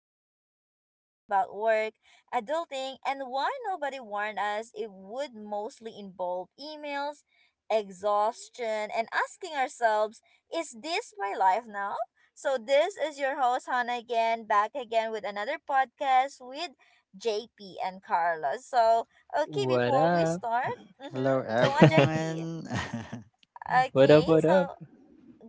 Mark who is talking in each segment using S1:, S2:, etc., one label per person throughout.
S1: the show where we talk about work, adulting, and why nobody warned us it would mostly involve emails, exhaustion, and asking ourselves, is this my life now? So this is your host, Hannah, again, back again with another podcast with JP and Carlos. So, okay,
S2: What
S1: before we
S2: up?
S1: start, mm-hmm,
S3: Hello
S1: go on, JP.
S3: everyone.
S2: What
S1: Okay,
S2: up? What up?
S1: so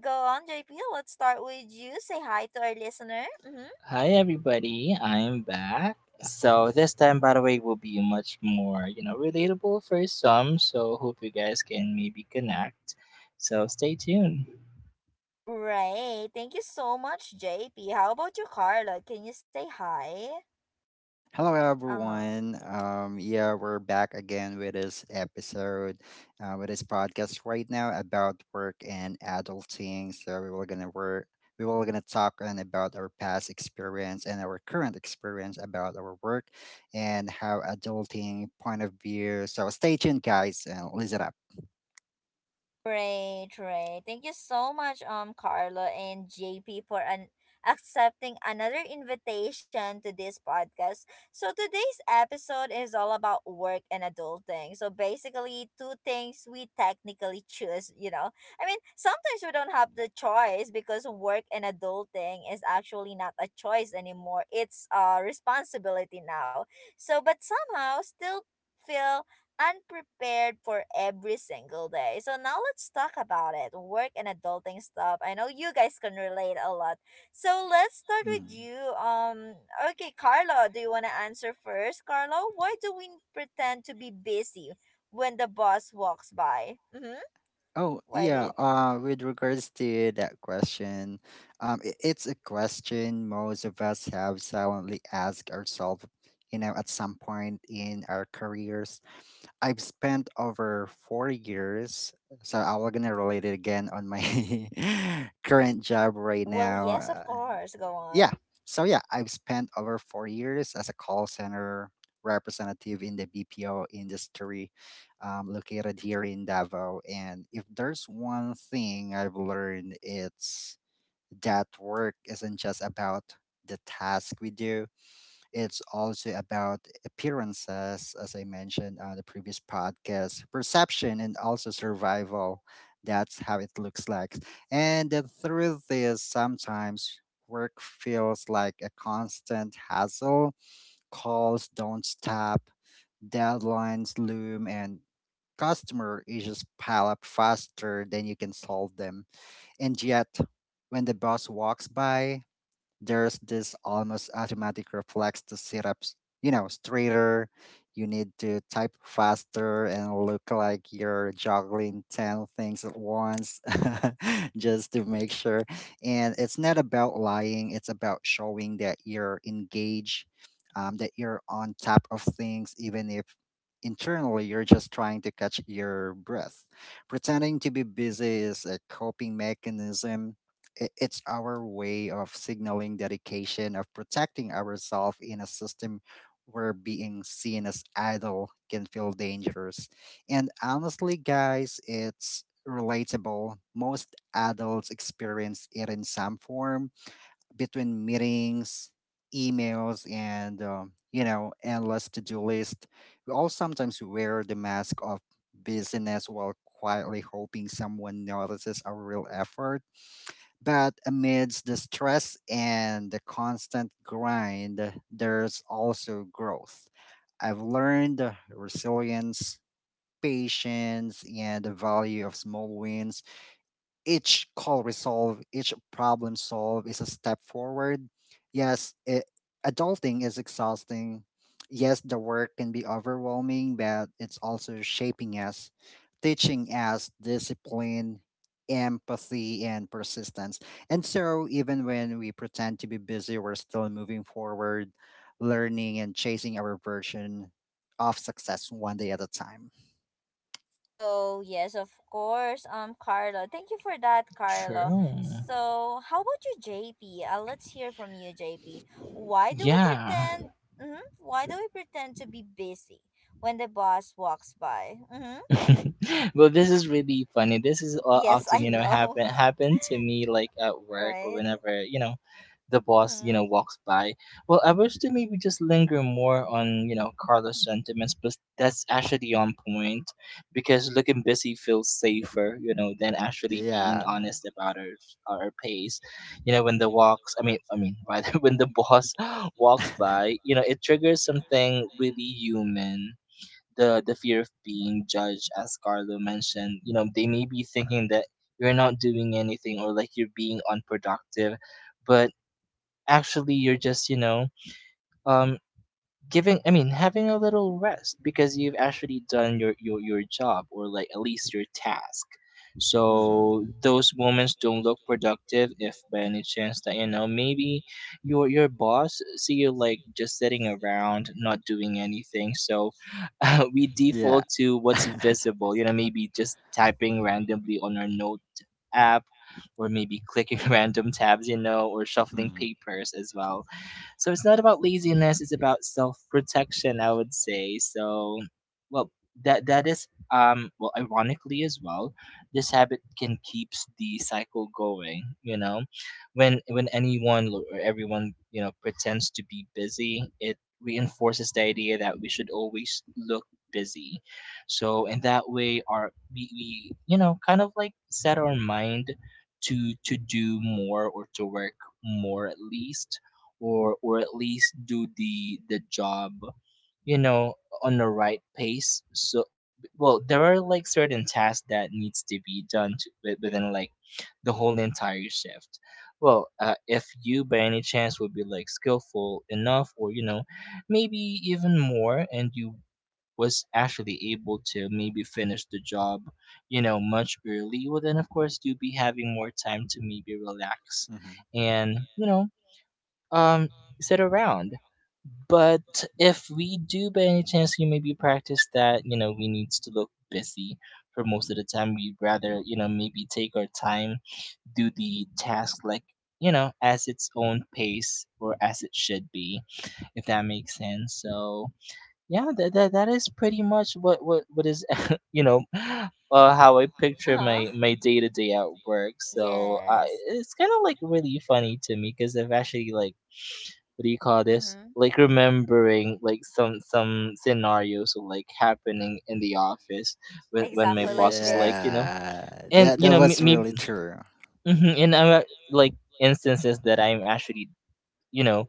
S1: go on, JP. Let's start with you. Say hi to our listener. Mm-hmm.
S2: Hi, everybody. I am back. So this time, by the way, will be much more, you know, relatable for some. So hope you guys can maybe connect. So stay tuned.
S1: Right. Thank you so much, JP. How about you, Carla? Can you say hi?
S3: Hello
S1: Uh,
S3: everyone. Yeah, we're back again with this episode, with this podcast right now about work and adulting. So we were gonna talk on about our past experience and our current experience about our work and how adulting point of view. So stay tuned guys and listen up.
S1: right, right. Thank you so much, Carlo and JP for an accepting another invitation to this podcast. So today's episode is all about work and adulting. So basically, two things we technically choose. You know, I mean, sometimes we don't have the choice because work and adulting is actually not a choice anymore. It's a responsibility now. So, but somehow still feel unprepared for every single day. So now let's talk about it. Work and adulting stuff. I know you guys can relate a lot. So let's start with
S3: Mm.
S1: you. Okay, Carlo, do you want to answer first? Carlo, why do we pretend to be busy when the boss walks by? Mhm.
S3: Oh,
S1: Why do
S3: yeah.
S1: you think?
S3: With regards to that question, it's a question most of us have silently asked ourselves, you know, at some point in our careers. I've spent over 4 years, so I'm gonna relate it again on my current job right
S1: Well,
S3: now.
S1: yes, of course. Go
S3: Yeah.
S1: on.
S3: So yeah, I've spent over 4 years as a call center representative in the BPO industry, located here in Davao. And if there's one thing I've learned, it's that work isn't just about the task we do. It's also about appearances, as I mentioned on the previous podcast, perception, and also survival. That's how it looks like. And the truth is, sometimes work feels like a constant hassle. Calls don't stop, deadlines loom, and customer issues pile up faster than you can solve them. And yet, when the boss walks by, there's this almost automatic reflex to sit up, you know, straighter. You need to type faster and look like you're juggling 10 things at once just to make sure. And it's not about lying, it's about showing that you're engaged, that you're on top of things, even if internally you're just trying to catch your breath. Pretending to be busy is a coping mechanism. It's our way of signaling dedication, of protecting ourselves in a system where being seen as idle can feel dangerous. And honestly, guys, it's relatable. Most adults experience it in some form between meetings, emails, and you know, endless to-do list. We all sometimes wear the mask of busyness while quietly hoping someone notices our real effort, but amidst the stress and the constant grind, there's also growth. I've learned resilience, patience, and the value of small wins. Each call resolved, each problem solved is a step forward. Yes, adulting is exhausting. Yes, the work can be overwhelming, but it's also shaping us, teaching us discipline, empathy, and persistence. And so, even when we pretend to be busy, we're still moving forward, learning, and chasing our version of success one day at a time.
S1: Oh, yes, of course. Carlo, thank you for that, Carlo.
S2: True.
S1: So how about you, JP? Let's hear from you, JP. Why do we
S2: Yeah.
S1: pretend? Mm-hmm, why do we pretend to be busy when the boss walks by? Mm-hmm.
S2: This is really funny. This is
S1: Yes,
S2: often,
S1: I
S2: you know, happen
S1: know,
S2: happen to me like at work or
S1: right?
S2: whenever, you know, the boss, you know,
S1: Mm-hmm.
S2: walks by. Well, I wish to maybe just linger more on, you know, Carlos' sentiments, but that's actually on point because looking busy feels safer, you know, than actually being
S3: Yeah.
S2: honest about our pace. You know, when the walks, rather when the boss walks by, you know, it triggers something really human. The fear of being judged, as Carlo mentioned. You know, they may be thinking that you're not doing anything or like you're being unproductive, but actually you're just, you know, um giving, having a little rest because you've actually done your job, or like at least your task.
S3: mm
S2: So those moments don't look productive if by any chance that, you know, maybe your boss see you like just sitting around not doing anything. So we default to what's visible, you know, maybe just typing randomly on our note app or maybe clicking random tabs, you know, or shuffling
S3: mm.
S2: papers as well. So it's not about laziness, it's about self-protection, I would say. So, well, that is, well, ironically as well, this habit can keeps the cycle going, you know. When anyone or everyone, you know, pretends to be busy, it reinforces the idea that we should always look busy. So in that way our we, you know, kind of like set our mind to do more or to work more, at least, or at least do the job, you know, on the right pace. So well, there are like certain tasks that needs to be done to, within like the whole entire shift. Well, if you by any chance would be like skillful enough, or you know, maybe even more, and you was actually able to maybe finish the job, you know, much early, well then of course you'll be having more time to maybe relax and, you know, um, sit around. But if we do, by any chance, you maybe practice that, you know, we needs to look busy for most of the time. We'd rather, you know, maybe take our time, do the task like, you know, as its own pace or as it should be, if that makes sense. So yeah, that is pretty much what is, you know, how I picture
S1: Uh-huh.
S2: my day to day at work. So
S1: Yes.
S2: it's kind of like really funny to me because I've actually like, what do you call this?
S1: Mm-hmm.
S2: Like remembering like some scenarios like happening in the office when my
S1: Exactly
S2: boss
S1: like
S2: was like,
S1: this.
S2: you know,
S3: Yeah,
S2: and
S3: that
S2: you know,
S3: that
S2: maybe
S3: really true.
S2: in like instances that I'm actually, you know,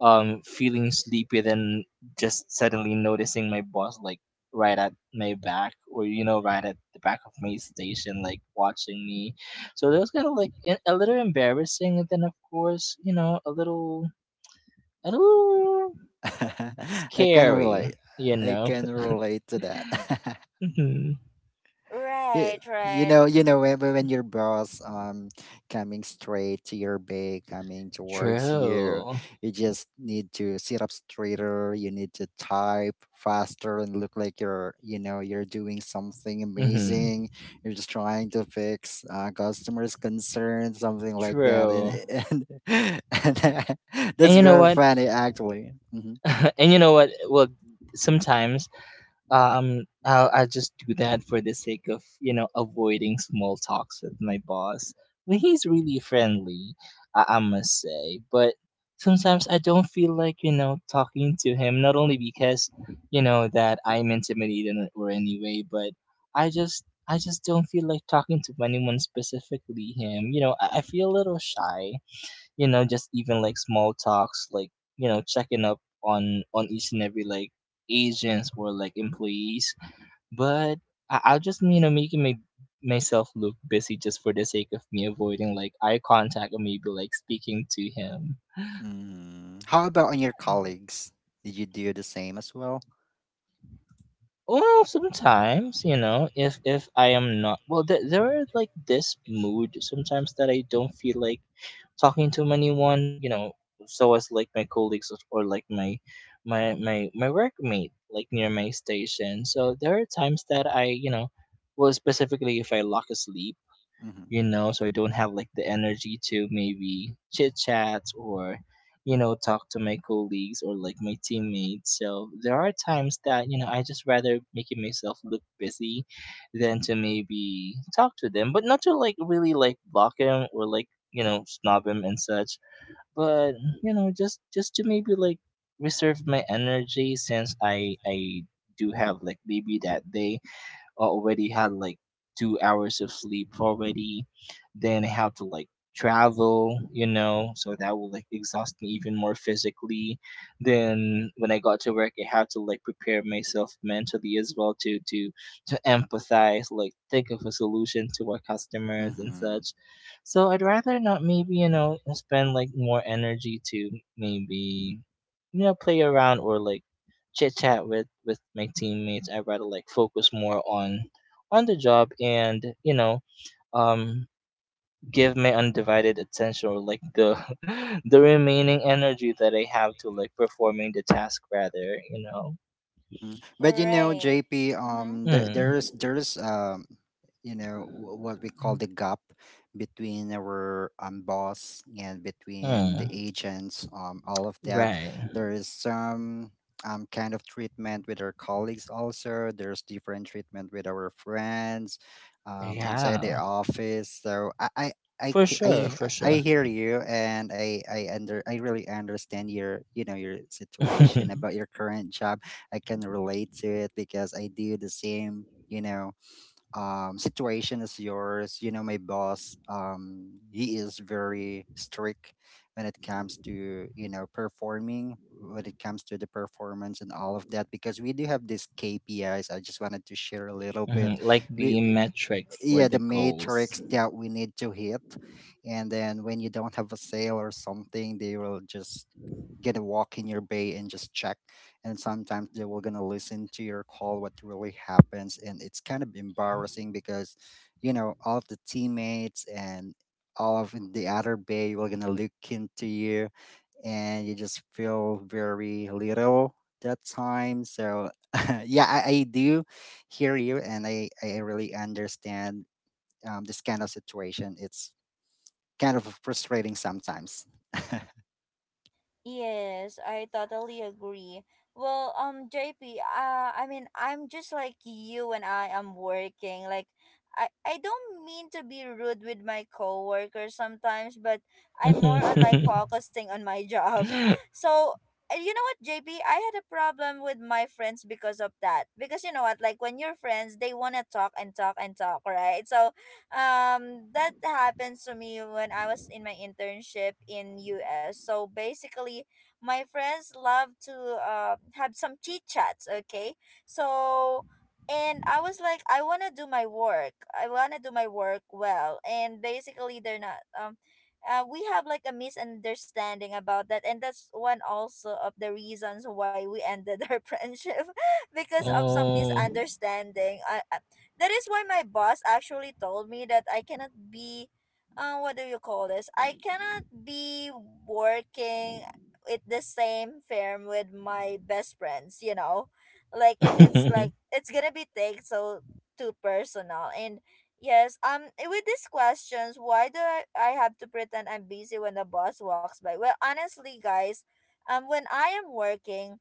S2: feeling sleepy, then just suddenly noticing my boss like right at my back, or you know, right at the back of my station, like watching me. So that was kind of like a little embarrassing, and then of course, you know, a little, a little scary, you know?
S3: Relate to that.
S2: hmm.
S3: you,
S1: Right,
S3: you
S1: right.
S3: know you
S1: Mm-hmm.
S3: know when your boss coming straight to your bay, coming towards you,
S2: True.
S3: you just need to sit up straighter, you need to type faster and look like you're doing something
S2: hmm.
S3: amazing. You're just trying to fix customers concern, something like that,
S2: True.
S3: and and that's
S2: And you know
S3: very
S2: what?
S3: funny actually.
S2: And you know what? Well, sometimes, I'll just do that for the sake of, you know, avoiding small talks with my boss when he's really friendly, I must say. But sometimes I don't feel like, you know, talking to him, not only because, you know, that I'm intimidated or anyway, but I just don't feel like talking to anyone specifically him. You know, I feel a little shy, you know, just even like small talks, like, you know, checking up on each and every like agents or like employees. But I'll just, you know, making my myself look busy just for the sake of me avoiding like eye contact, or maybe like speaking to him.
S3: How about on your colleagues, did you do the same as well?
S2: Oh, sometimes, you know, if I am not well, there are like this mood sometimes that I don't feel like talking to anyone, you know, so as like my colleagues, or like my workmate like near my station. So there are times that I, you know, well specifically if I lock asleep,
S3: Mm-hmm.
S2: you know, so I don't have like the energy to maybe chit chat, or, you know, talk to my colleagues or like my teammates. So there are times that, you know, I just rather making myself look busy than to maybe talk to them, but not to like really like block him or like, you know, snob him and such, but, you know, just to maybe like reserve my energy, since I do have like maybe that day, already had like 2 hours of sleep already. Then I have to like travel, you know, so that will like exhaust me even more physically. Then when I got to work, I have to like prepare myself mentally as well to empathize, like think of a solution to our customers and
S3: Mm-hmm.
S2: such. So I'd rather not maybe, you know, spend like more energy to maybe, you know, play around, or like chit chat with my teammates. I rather like focus more on the job, and you know, um give my undivided attention or like the the remaining energy that I have to like performing the task rather, you know.
S3: hmm But you know,
S1: Right.
S3: JP,
S1: Mm-hmm.
S3: there there
S2: Mm.
S3: is there is you know, what we call the gap between our boss and between the
S2: Mm,
S3: agents, all of that.
S2: right.
S3: There is some kind of treatment with our colleagues also. There's different treatment with our friends, inside the
S2: Yeah.
S3: office. I,
S2: For
S3: ca-
S2: sure,
S3: I
S2: for
S3: I
S2: sure.
S3: hear you and I really understand your situation about your current job. I can relate to it because I do the same, you know, situation as yours. You know, my boss, he is very strict when it comes to, you know, performing, when it comes to the performance and all of that, because we do have these KPIs. I just wanted to share a little bit.
S2: Mhm, like
S3: We
S2: the metrics or
S3: Yeah,
S2: the
S3: the
S2: goals.
S3: matrix that we need to hit, and then when you don't have a sale or something, they will just get a walk in your bay and just check, and sometimes they will gonna listen to your call what really happens. And it's kind of embarrassing because you know all of the teammates and all of the other bay will gonna look into you, and you just feel very little that time. So yeah, I do hear you and I really understand this kind of situation. It's kind of frustrating sometimes.
S1: Yes, I totally agree. Well, JP, I mean, I'm just like you and I am working. Like, I don't mean to be rude with my coworkers sometimes, but I'm more on like focusing on my job. So, you know what, JP, I had a problem with my friends because of that. Because you know what, like when you're friends, they wanna talk and talk and talk, right? So, that happens to me when I was in my internship in US. So basically, my friends love to have some chit chats. Okay, so and I was like, I wanna do my work. I wanna do my work well. And basically, they're not we have like a misunderstanding about that and that's one also of the reasons why we ended our friendship because of some misunderstanding that is why my boss actually told me that I cannot be, what do you call this? I cannot be working at the same firm with my best friends, you know? Like, if it's
S2: Oh.
S1: like, it's gonna be take so too personal. And yes, with these questions, why do I have to pretend I'm busy when the boss walks by? Well, honestly, guys, when I am working,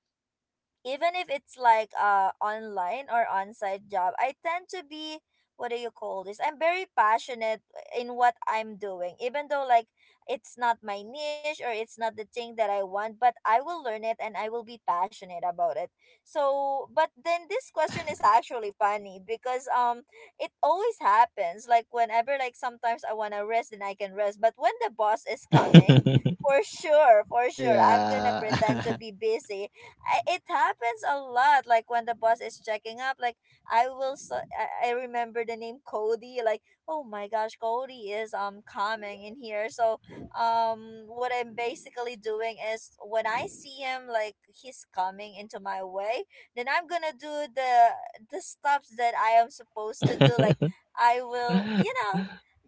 S1: even if it's like online or on-site job, I tend to be, what do you call this, I'm very passionate in what I'm doing, even though like it's not my niche or it's not the thing that I want, but I will learn it and I will be passionate about it. So but then this question is actually funny because it always happens, like whenever, like sometimes I want to rest and I can rest, but when the boss is coming, for sure, for sure I'm gonna pretend to
S3: Yeah.
S1: be busy. It happens a lot, like when the boss is checking up, like I will, so I remember the name Cody, like oh my gosh, Cody is coming in here. So what I'm basically doing is when I see him, like he's coming into my way, then I'm gonna do the stuffs that I am supposed to do, like I will, you know,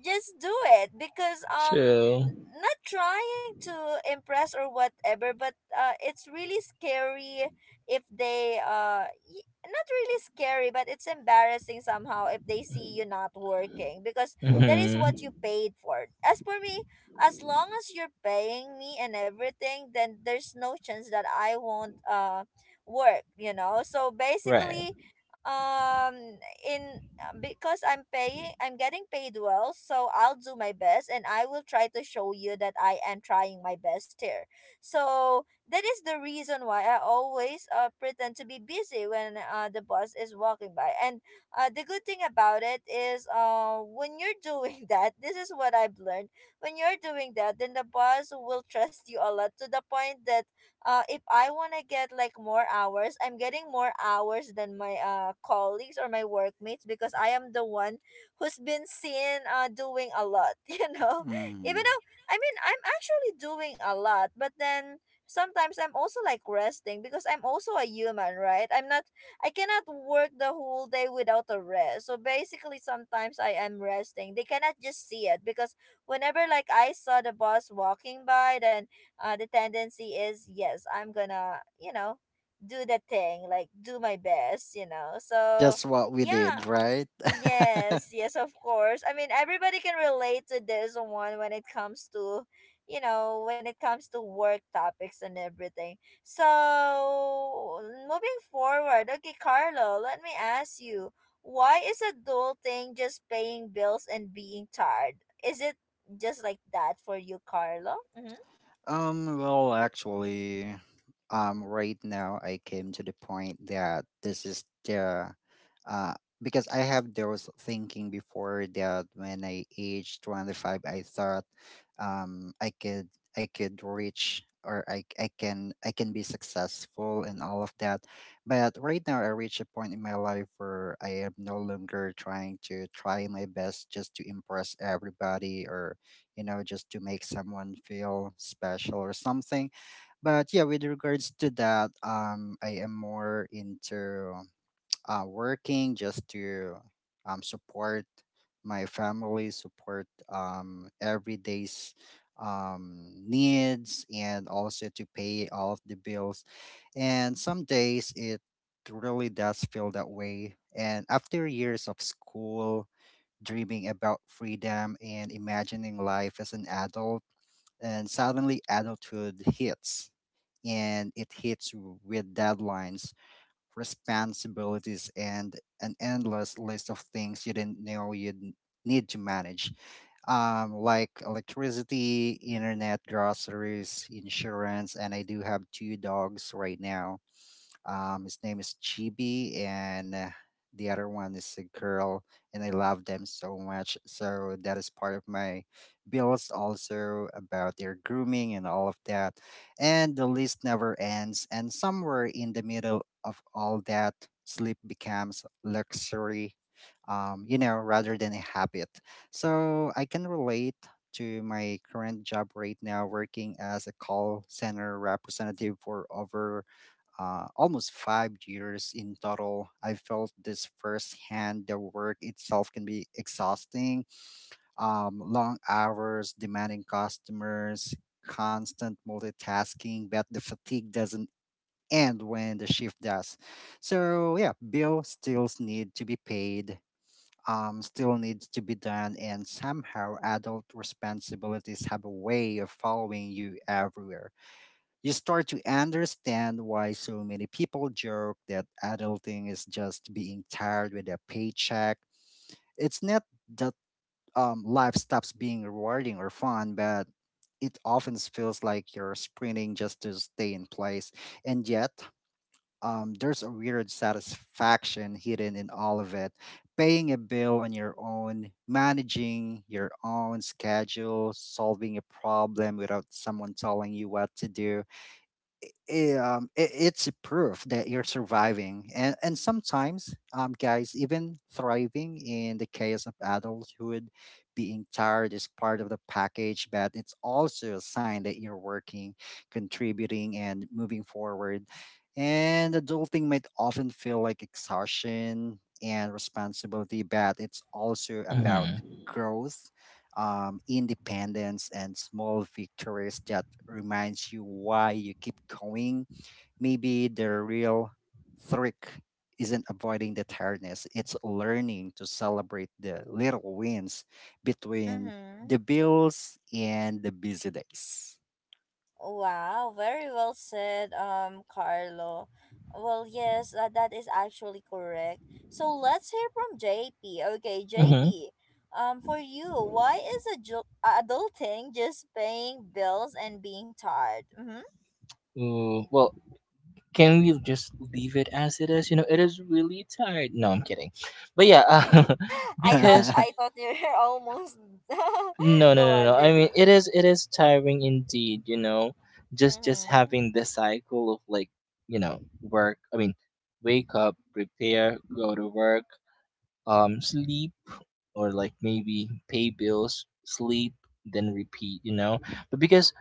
S1: just do it because
S2: True.
S1: not trying, trying to impress or whatever, but uh, it's really scary if they not really scary, but it's embarrassing somehow if they see you not working, because that is what you
S2: Mhm.
S1: paid for. As for me, as long as you're paying me and everything, then there's no chance that I won't work, you know. So
S2: Right.
S1: basically um in because I'm paying, I'm getting paid well, so I'll do my best and I will try to show you that I am trying my best here. So that is the reason why I always pretend to be busy when the bus is walking by. And the good thing about it is when you're doing that, this is what I've learned. When you're doing that, then the bus will trust you a lot to the point that uh, if I want to get like more hours, I'm getting more hours than my colleagues or my workmates because I am the one who's been seen doing a lot, you know? Even
S3: Mm.
S1: though, I mean, I'm actually doing a lot, but then sometimes I'm also like resting because I'm also a human, right? I'm not, I cannot work the whole day without a rest. So basically sometimes I am resting. They cannot just see it because whenever like I saw the boss walking by, then the tendency is yes, I'm gonna, you know, do the thing, like do my best, you know. So
S3: Just what we
S1: yeah,
S3: did, right?
S1: yes, yes, of course. I mean, everybody can relate to this one when it comes to, you know, when it comes to work topics and everything. So moving forward, okay, Carlo, let me ask you, why is adulting just paying bills and being tired? Is it just like that for you, Carlo? Mm-hmm.
S3: Well, actually, right now I came to the point that this is the, uh, because I have there was thinking before that when I aged 25, I thought, um, I could I could reach or I can be successful and all of that, but right now I reach a point in my life where I am no longer trying to try my best just to impress everybody or you know, just to make someone feel special or something. But yeah, with regards to that, I am more into working just to support my family, support every day's needs, and also to pay all of the bills. And some days it really does feel that way. And after years of school, dreaming about freedom and imagining life as an adult. And suddenly, adulthood hits, and it hits with deadlines, responsibilities, and an endless list of things you didn't know need to manage, like electricity, internet, groceries, insurance. And I do have two dogs right now. His name is Chibi, and the other one is a girl, and I love them so much. So that is part of my bills, also about their grooming and all of that. And the list never ends. And somewhere in the middle of all that, sleep becomes luxury, you know, rather than a habit. So I can relate to my current job right now, working as a call center representative for over almost 5 years in total. I felt this firsthand. The work itself can be exhausting, long hours, demanding customers, constant multitasking, but the fatigue doesn't end when the shift does. So yeah, bills still need to be paid. Still needs to be done, and somehow adult responsibilities have a way of following you everywhere. You start to understand why so many people joke that adulting is just being tired with a paycheck. It's not that life stops being rewarding or fun, but it often feels like you're sprinting just to stay in place. And yet, there's a weird satisfaction hidden in all of it. Paying a bill on your own, managing your own schedule, solving a problem without someone telling you what to do, it's a proof that you're surviving, and sometimes guys, even thriving in the chaos of adulthood. Being tired is part of the package, but it's also a sign that you're working, contributing and moving forward. And adulting might often feel like exhaustion and responsibility, but it's also about
S2: Mhm.
S3: growth, independence and small victories that reminds you why you keep going. Maybe the real trick isn't avoiding the tiredness, it's learning to celebrate the little wins between
S1: Mm-hmm.
S3: the bills and the busy days.
S1: Wow, very well said, Carlo. Well, yes, that is actually correct. So let's hear from JP. Okay,
S2: Mhm.
S1: JP, for you, why is adul- adulting just paying bills and being tired? Mm-hmm.
S2: Ooh, well, can we just leave it as it is? You know, it is really tired. No, I'm kidding. But yeah,
S1: I thought
S2: because
S1: I thought you were almost.
S2: no, no,
S1: Go
S2: no,
S1: on,
S2: no. I mean,
S1: JP.
S2: it is tiring indeed, you know. Just
S1: Mm-hmm.
S2: having the cycle of like, you know, work. I mean, wake up, prepare, go to work, sleep, or like maybe pay bills, sleep, then repeat, you know. But because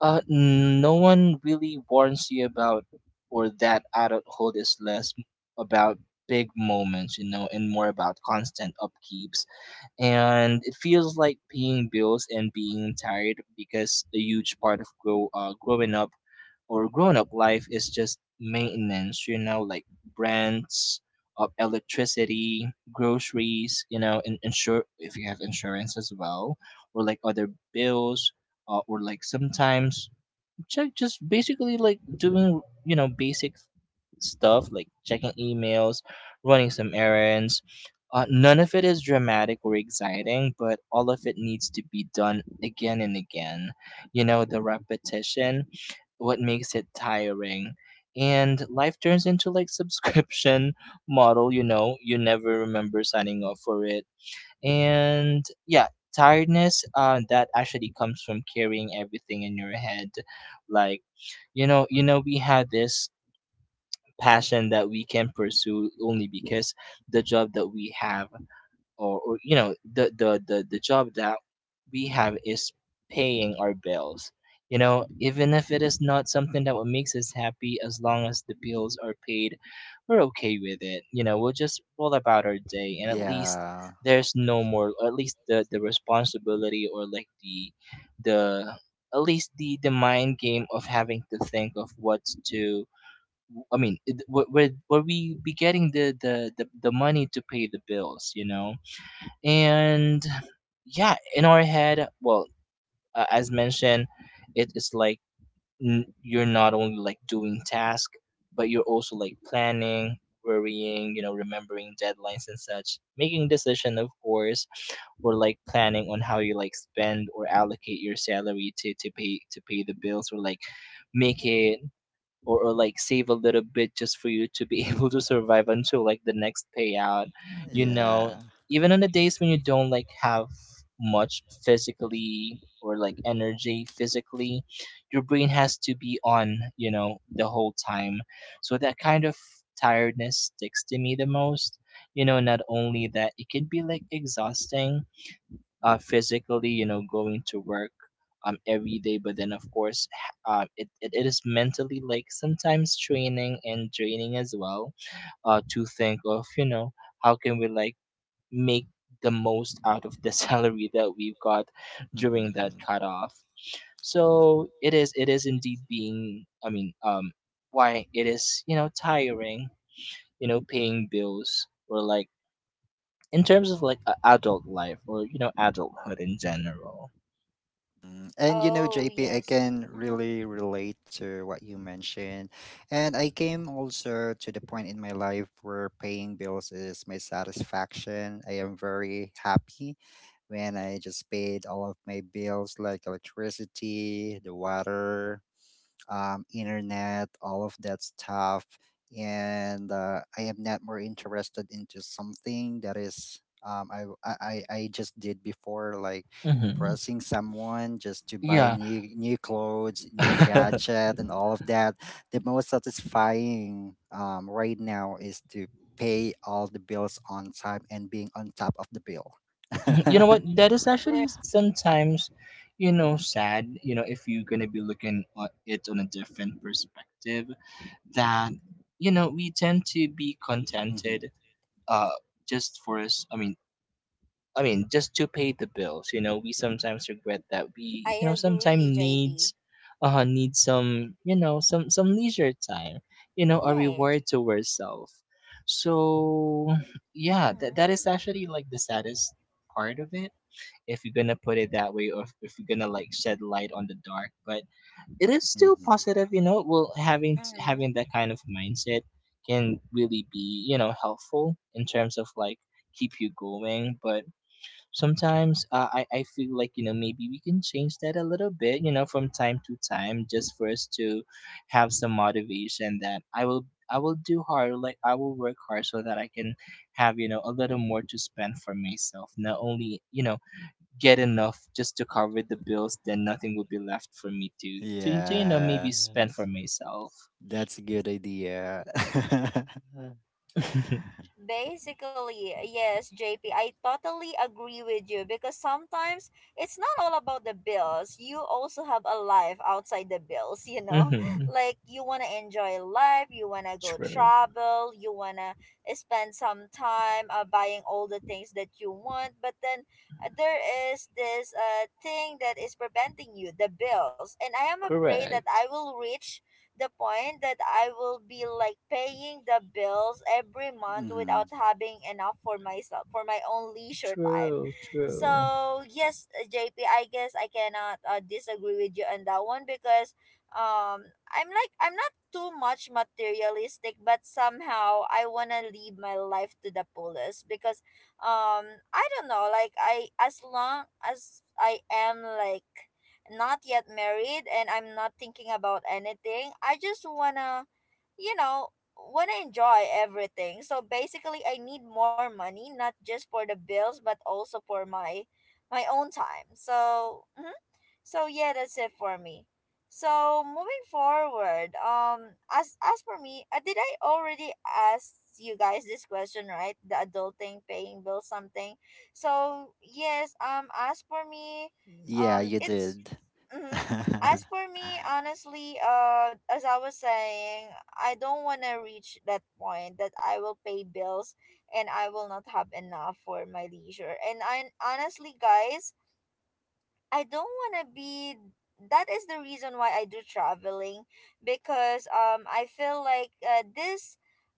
S2: no one really warns you about, or that adulthood is less about big moments, you know, and more about constant upkeeps. And it feels like paying bills and being tired because a huge part of growing up or grown up life is just maintenance, you know, like rents, of electricity, groceries, you know, and insure if you have insurance as well, or like other bills, or like sometimes check just basically like doing, you know, basic stuff like checking emails, running some errands. None of it is dramatic or exciting, but all of it needs to be done again and again. You know, the repetition what makes it tiring. And life turns into like subscription model, you know, you never remember signing up for it. And yeah, tiredness, that actually comes from carrying everything in your head, like, you know, we had this passion that we can pursue only because the job that we have, or you know, the job that we have is paying our bills, you know. Even if it is not something that what makes us happy, as long as the bills are paid, we're okay with it, you know. We'll just roll about our day, and at least
S3: Yeah,
S2: there's no more, or at least the responsibility, or like the at least the mind game of having to think of what to, I mean, where were we be getting the, the money to pay the bills, you know? And yeah, in our head. Well, as mentioned, it is like, you're not only like doing task, but you're also like planning, worrying, you know, remembering deadlines and such, making decision, of course, or like planning on how you like spend or allocate your salary to pay the bills, or like make it, or like save a little bit just for you to be able to survive until like the next payout, you know.
S3: yeah.
S2: Even on the days when you don't like have much physically, or like energy physically, your brain has to be on, you know, the whole time. So that kind of tiredness sticks to me the most, you know. Not only that it can be like exhausting, physically, you know, going to work every day. But then of course, it is mentally like sometimes training and draining as well. To think of, you know, how can we like make the most out of the salary that we've got during that
S3: hmm
S2: cutoff. So it is indeed being why it is, you know, tiring, you know, paying bills, or like in terms of like a adult life, or you know, adulthood in general.
S3: Mm. And you know,
S1: Oh
S3: JP, I
S1: yes.
S3: can
S1: Mm-hmm.
S3: really relate to what you mentioned. And I came also to the point in my life where paying bills is my satisfaction. I am very happy when I just paid all of my bills like electricity, the water, internet, all of that stuff. And I am not more interested into something that is I, w- I just did before, like
S2: Mm-hmm.
S3: impressing someone just to buy
S2: Yeah.
S3: new clothes, new gadget, and all of that. The most satisfying right now is to pay all the bills on time and being on top of the bill.
S2: Mhm. You know what? That is actually
S1: Right.
S2: sometimes, you
S1: Mm-hmm.
S2: know, sad. You know, if you're gonna be looking at it on a different perspective, that you know we tend to be
S3: hmm
S2: contented, uh, just for us. I mean, just to pay the bills. You know, we sometimes regret that
S1: I
S2: we, you know, sometimes
S1: agree,
S2: needs,
S1: JP.
S2: need some, you know, some leisure time. You know, a
S1: Right.
S2: reward to ourselves. So yeah, that
S1: Mm-hmm.
S2: that is actually like the saddest part of it, if you're gonna put it that way, or if you're gonna like shed light on the dark. But it is still
S3: hmm
S2: positive, you know. Well, having
S1: Mm-hmm.
S2: that kind of mindset can really be, you know, helpful in terms of like keep you going. But sometimes I feel like, you know, maybe we can change that a little bit, you know, from time to time, just for us to have some motivation that I will do hard, like I will work hard, so that I can have, you know, a little more to spend for myself, not only, you know, get enough just to cover the bills, then nothing will be left for me to you know,
S3: Yeah.
S2: maybe spend for myself.
S3: That's a good idea.
S2: Mm-hmm.
S1: Basically, yes, JP, I totally agree with you because sometimes it's not all about the bills. You also have a life outside the bills, you know? Like you want to enjoy life, you want to go
S2: True.
S1: travel, you want to spend some time buying all the things that you want, but then there is this thing that is preventing you, the bills. And I am afraid that I
S2: Correct.
S1: will reach the point that I will be like paying the bills every month
S3: hmm
S1: without having enough for myself for my own leisure time.
S2: True, true.
S1: So yes, JP, guess I cannot disagree with you on that one because um I'm like, I'm not too much materialistic, but somehow I wanna live my life to the fullest because I don't know, like I, as long as I am like not yet married and I'm not thinking about anything, I just wanna, you know, wanna enjoy everything. So basically I need more money, not just for the bills but also for my my own time. So mhm. So yeah, that's it for me. So moving forward, as for me, did I already ask you guys this question, right? The adulting, paying bills, something. So yes, as for me,
S3: Yeah, you
S1: it's
S3: did.
S1: mm-hmm. As for me, honestly, as I was saying, I don't want to reach that point that I will pay bills and I will not have enough for my leisure. And I honestly, guys, I don't want to be, that is the reason why I do traveling because I feel like this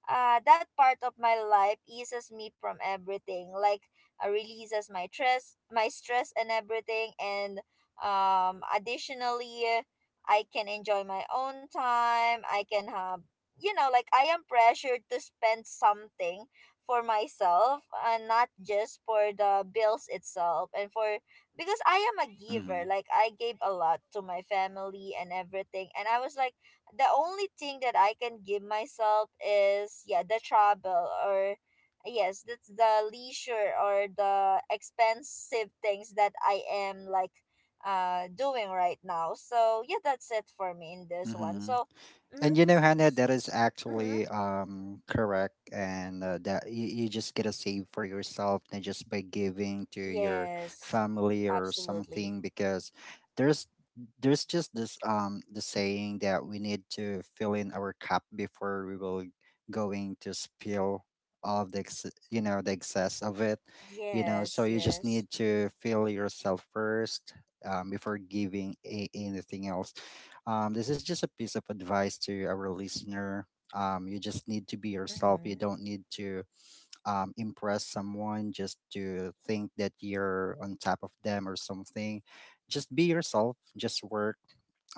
S1: uh, that part of my life eases me from everything, like releases my stress, my stress and everything, and additionally I can enjoy my own time, I can have, you know, like I am pressured to spend something for myself and not just for the bills itself. And for, because I am a giver,
S3: hmm
S1: like I gave a lot to my family and everything. And I was like, the only thing that I can give myself is yeah, the travel or yes, that's the leisure or the expensive things that I am like doing right now. So yeah, that's it for me in this one.
S3: hmm
S1: So mm-hmm,
S3: And you know, Hannah, that is
S1: mm-hmm,
S3: actually correct, and that you just get a save for yourself, and just by giving to your
S1: yes,
S3: family or
S1: absolutely.
S3: something, because there's there's just this the saying that we need to fill in our cup before we will going to spill all of the you know the excess of it, you know. So
S1: Yes,
S3: you just
S1: yes.
S3: need to fill yourself first, before giving anything else. Um, this is just a piece of advice to our listener. You just need to be yourself. You
S1: Mm-hmm.
S3: don't need to impress someone, just to think that you're on top of them or something. Just be yourself, just work,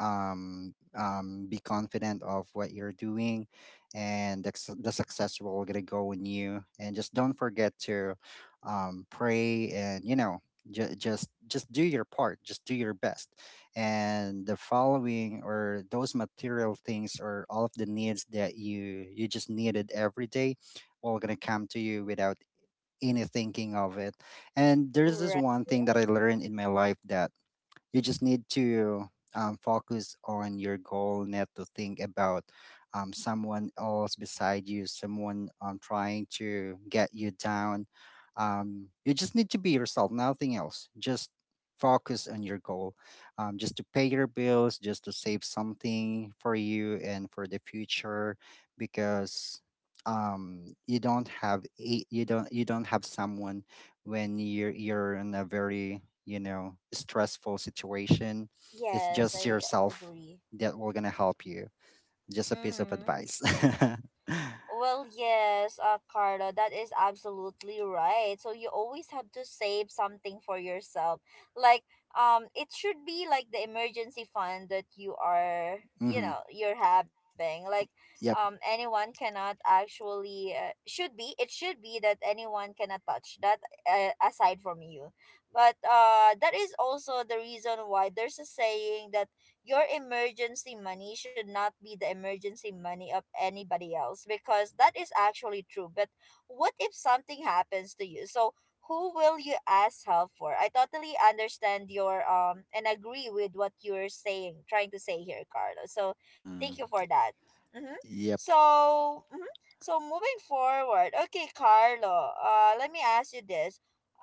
S3: be confident of what you're doing, and the, the success will gonna go in you. And just don't forget to pray, and you know. Just do your part, just do your best, and the following, or those material things, or all of the needs that you just needed every day all gonna come to you without any thinking of it. And there's this
S1: Right.
S3: one thing that I learned in my life, that you just need to focus on your goal, not to think about someone else beside you, someone trying to get you down. You just need to be yourself, nothing else. Just focus on your goal, just to pay your bills, just to save something for you and for the future, because you don't have someone when you're in a very stressful situation. It's
S1: Yes,
S3: just
S1: I
S3: yourself
S1: agree.
S3: that will gonna help you. Just a piece of
S1: Mm-hmm.
S3: advice.
S1: Well, yes, Carla, that is absolutely right. So you always have to save something for yourself. Like, it should be like the emergency fund that you are, you
S3: mm-hmm.
S1: know, you're having. Like,
S3: Yep.
S1: anyone cannot actually, should be, it should be that anyone cannot touch that aside from you. But that is also the reason why there's a saying that your emergency money should not be the emergency money of anybody else because that is actually true. But what if something happens to you? So who will you ask help for? I totally understand your and agree with what you're saying, trying to say here, Carlo. So thank
S3: Mm-hmm.
S1: you for that. Mm-hmm.
S3: Yep.
S1: So mm-hmm. So moving forward, okay, Carlo. Let me ask you this.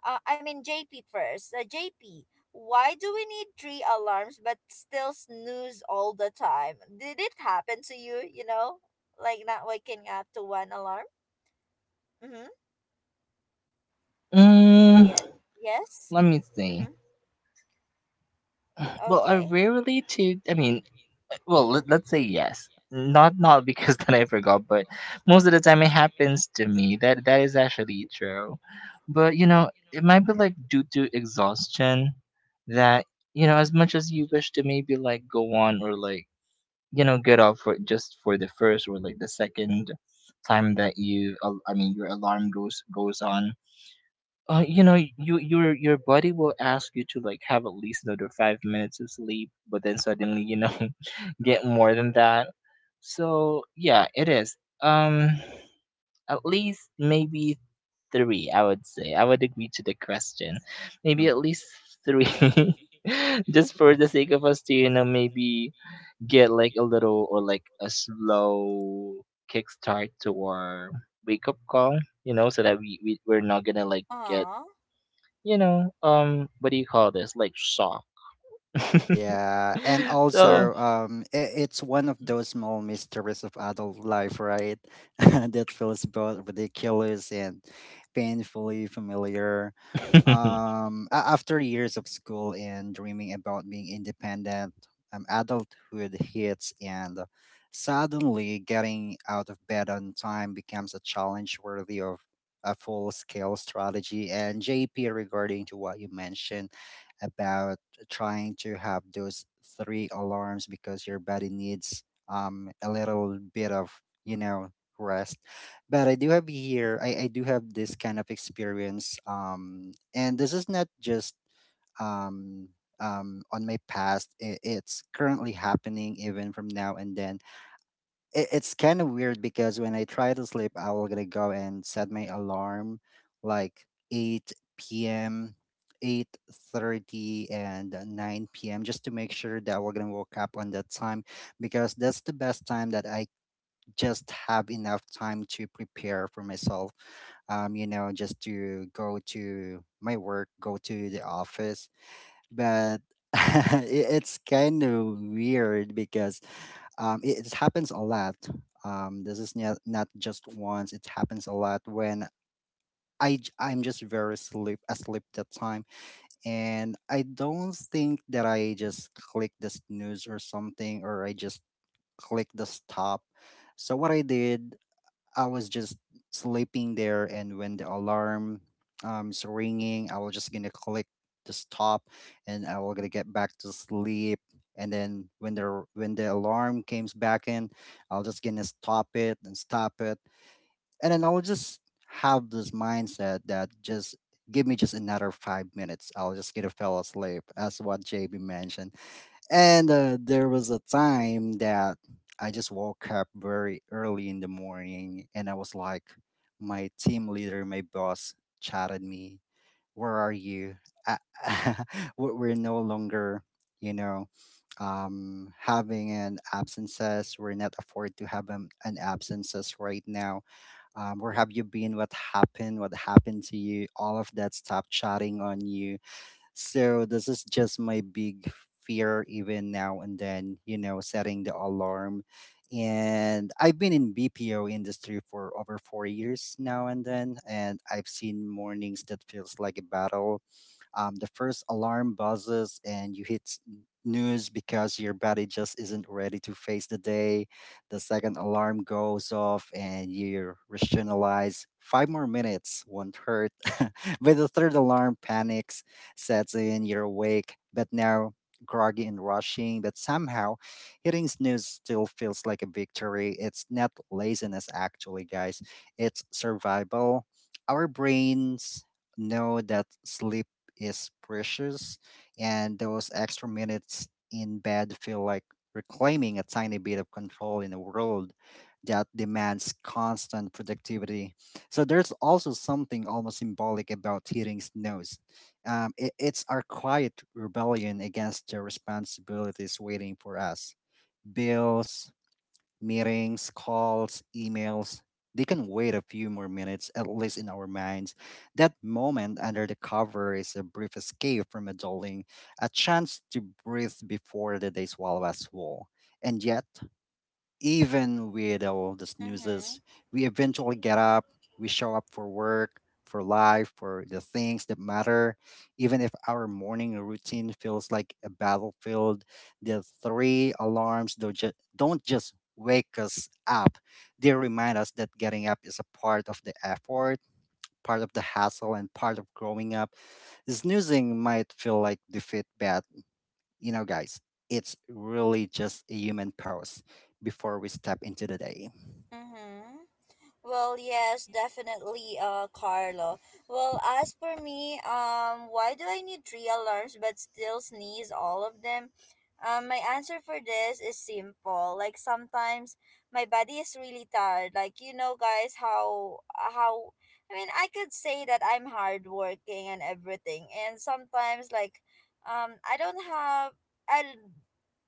S1: I mean, JP first. JP, why do we need three alarms but still snooze all the time? Did it happen to you, you know? Like not waking up to one alarm? Mm-hmm.
S2: Mm,
S1: Yeah. Yes?
S2: let me think.
S1: Mm-hmm.
S2: Well, I
S1: Okay.
S2: rarely to I mean, well,
S1: Mm-hmm.
S2: let, let's say yes. Not because then I forgot, but most of the time it happens to me. That that is actually true. But you know, it might be like due to exhaustion, that you know, as much as you wish to maybe like go on, or like you know, get off for just for the first or like the second time that I mean your alarm goes on, you know, you your body will ask you to like have at least another 5 minutes of sleep, but then suddenly you know get more than that. So yeah, it is. Um, at least maybe three, I would say. I would agree to the question. Maybe at
S3: Mm-hmm.
S2: least three, just for the sake of us to, you know, maybe get like a little, or like a slow kickstart to our wake up call. You know, so that we're not gonna like get,
S1: Aw.
S2: you know, what do you call this? Like soft.
S3: Yeah, and
S2: So,
S3: also, it's one of those small mysteries of adult life, right? That feels both ridiculous and painfully familiar.
S2: uh
S3: A after years of school and dreaming about being independent, adulthood hits, and suddenly getting out of bed on time becomes a challenge worthy of a full-scale strategy. And JP, regarding to what you mentioned about trying to have those three alarms because your body needs a little bit of rest. But I do have this kind of experience and this is not just um on my past. It's currently happening even from now and then. It's kind of weird because when I try to sleep, I will gonna go and set my alarm like eight p.m., 8:30, and nine p.m. just to make sure that we're gonna wake up on that time, because that's the best time that I just have enough time to prepare for myself. You know, just to go to my work, go to the office. But it's kind of weird because it happens a lot. This is not, not just once. It happens a lot when I'm just very sleep asleep that time, and I don't think that I just click the snooze or something, or I just click the stop. So what I did, I was just sleeping there, and when the alarm is ringing, I was just gonna click to stop, and I was gonna get back to sleep. And then when the alarm comes back in, I was just gonna stop it, and then I will just have this mindset that just give me just another 5 minutes, I'll just gonna fall asleep, as what JB mentioned. And there was a time that I just woke up very early in the morning and I was like, my team leader, my boss chatted me, "Where are you? Uh, we're no longer, you know, having an absences. We're not afford to have an absences right now. Where have you been? What happened? What happened to you?" All of that stuff chatting on you. So this is just my big fear even now and then, you know, setting the alarm. And I've been in BPO industry for over 4 years now and then, and I've seen mornings that feels like a battle. The first alarm buzzes and you hit snooze because your body just isn't ready to face the day. The second alarm goes off and you rationalize five more minutes won't hurt. But the third alarm panics sets in, you're awake, but now groggy and rushing, but somehow hitting snooze still feels like a victory. It's not laziness, actually, guys, it's survival. Our brains know that sleep is precious, and those extra minutes in bed feel like reclaiming a tiny bit of control in a world that demands constant productivity. So there's also something almost symbolic about hitting snooze. It's our quiet rebellion against the responsibilities waiting for us. Bills, meetings, calls, emails, they can wait a few more minutes, at least in our minds. That moment under the cover is a brief escape from adulting, a chance to breathe before the day swallows us whole. And yet, even with all the
S1: Mm-hmm.
S3: snoozes, we eventually get up, we show up for work, for life, for the things that matter. Even if our morning routine feels like a battlefield, the three alarms don't just wake us up, they remind us that getting up is a part of the effort. Part of the hassle and part of growing up. Snoozing might feel like defeat, but you know, guys, it's really just a human pause before we step into the day.
S1: Mm-hmm. Well, yes, definitely, Carlo. Well, as for me, why do I need three alarms but still sneeze all of them? My answer for this is simple. Like sometimes my body is really tired. Like you know, guys, how I mean, I could say that I'm hardworking and everything, and sometimes like, I don't have, I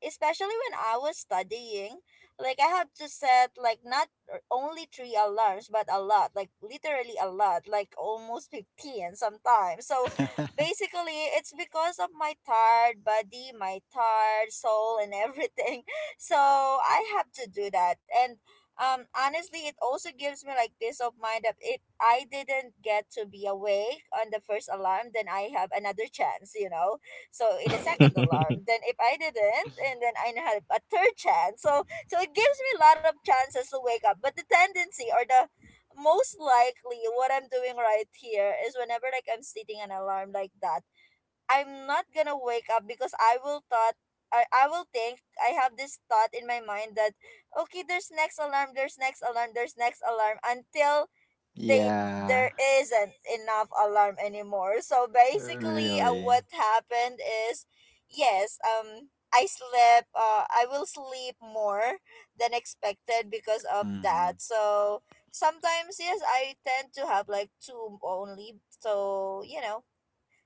S1: especially when I was studying, like I have to set like not or only three alarms, but a lot, like literally a lot, like almost 15 sometimes. So basically, it's because of my tired body, my tired soul, and everything. So I have to do that. And honestly, it also gives me like peace of mind that if I didn't get to be awake on the first alarm, then I have another chance, you know. So in the second alarm, then if I didn't, and then I have a third chance. So it gives me a lot of chances to wake up. But the tendency or the most likely what I'm doing right here is whenever like I'm setting an alarm like that I'm not gonna wake up because I will thought I will think I have this thought in my mind that okay, there's next alarm, there's next alarm, there's next alarm until they
S3: Yeah,
S1: there isn't enough alarm anymore. So basically
S3: really.
S1: what happened is yes, I slept, I will sleep more than expected because of
S3: Mm-hmm.
S1: that. So sometimes yes, I tend to have like two only, so you know,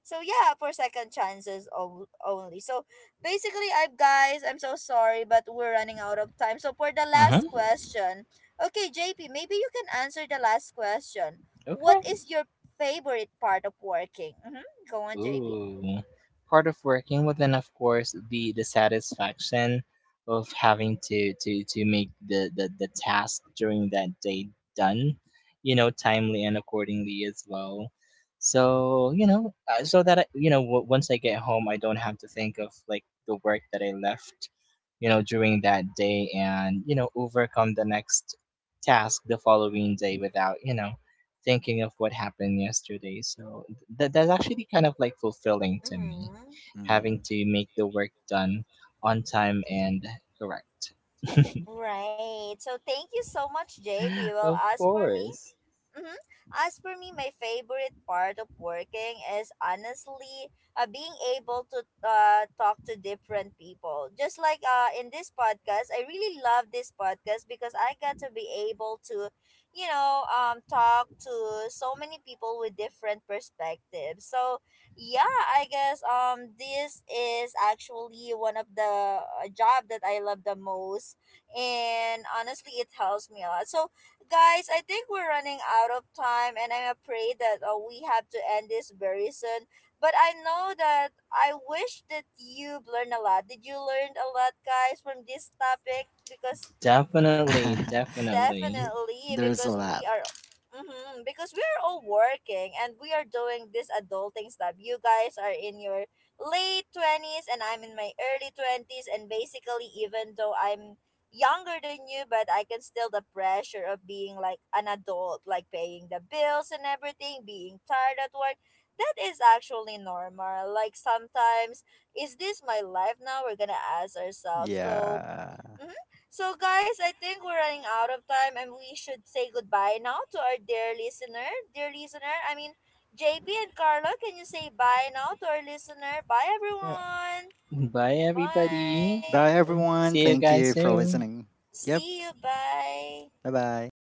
S1: so yeah, for second chances only. So basically, I guys, I'm so sorry, but we're running out of time. So for the
S2: huh.
S1: last question, okay, JP, maybe you can answer the last question. What
S2: Okay.
S1: is your favorite part of working? Mm-hmm. Go on, JP.
S2: Ooh. Part of working would then of course the satisfaction of having to make the task during that day done, you know, timely and accordingly as well. So, you know, so that I, you know, once I get home, I don't have to think of like the work that I left, you know, during that day, and, you know, overcome the next task the following day without, you know, thinking of what happened yesterday. So that that's actually kind of like fulfilling to me,
S1: Mm-hmm.
S2: having
S3: Hmm.
S2: to make the work done on time and correct.
S1: Right. So thank you so much, JP. Well,
S2: Of
S1: as for me,
S2: course.
S1: mm-hmm. As for me, my favorite part of working is honestly being able to talk to different people. Just like in this podcast, I really love this podcast because I got to be able to, you know, talk to so many people with different perspectives. So yeah, I guess this is actually one of the job that I love the most, and honestly, it helps me a lot. So guys, I think we're running out of time, and I'm afraid that we have to end this very soon. But I know that I wish that you've learned a lot. Did you learn a lot, guys, from this topic? Because, mhm,
S2: Definitely, definitely.
S1: definitely,
S3: There's a
S1: because
S3: lot.
S1: we are, mm-hmm, because we are all working and we are doing this adulting stuff. You guys are in your late 20s and I'm in my early 20s, and basically, even though I'm younger than you, but I can still the pressure of being like an adult, like paying the bills and everything, being tired at work. That is actually normal. Like sometimes, is this my life now? We're gonna ask ourselves. So.
S3: Yeah.
S1: Mm, so, guys, I think we're running out of time and we should say goodbye now to our dear listener. Dear listener, I mean, JP and Carla, can you say bye now to our listener? Bye,
S2: Yeah.
S1: everyone.
S2: Bye everybody.
S1: Bye.
S3: Bye, everyone.
S2: See you
S3: Thank
S2: guys
S3: you for
S2: soon.
S3: listening. Yep.
S1: See you. Bye.
S3: Bye bye.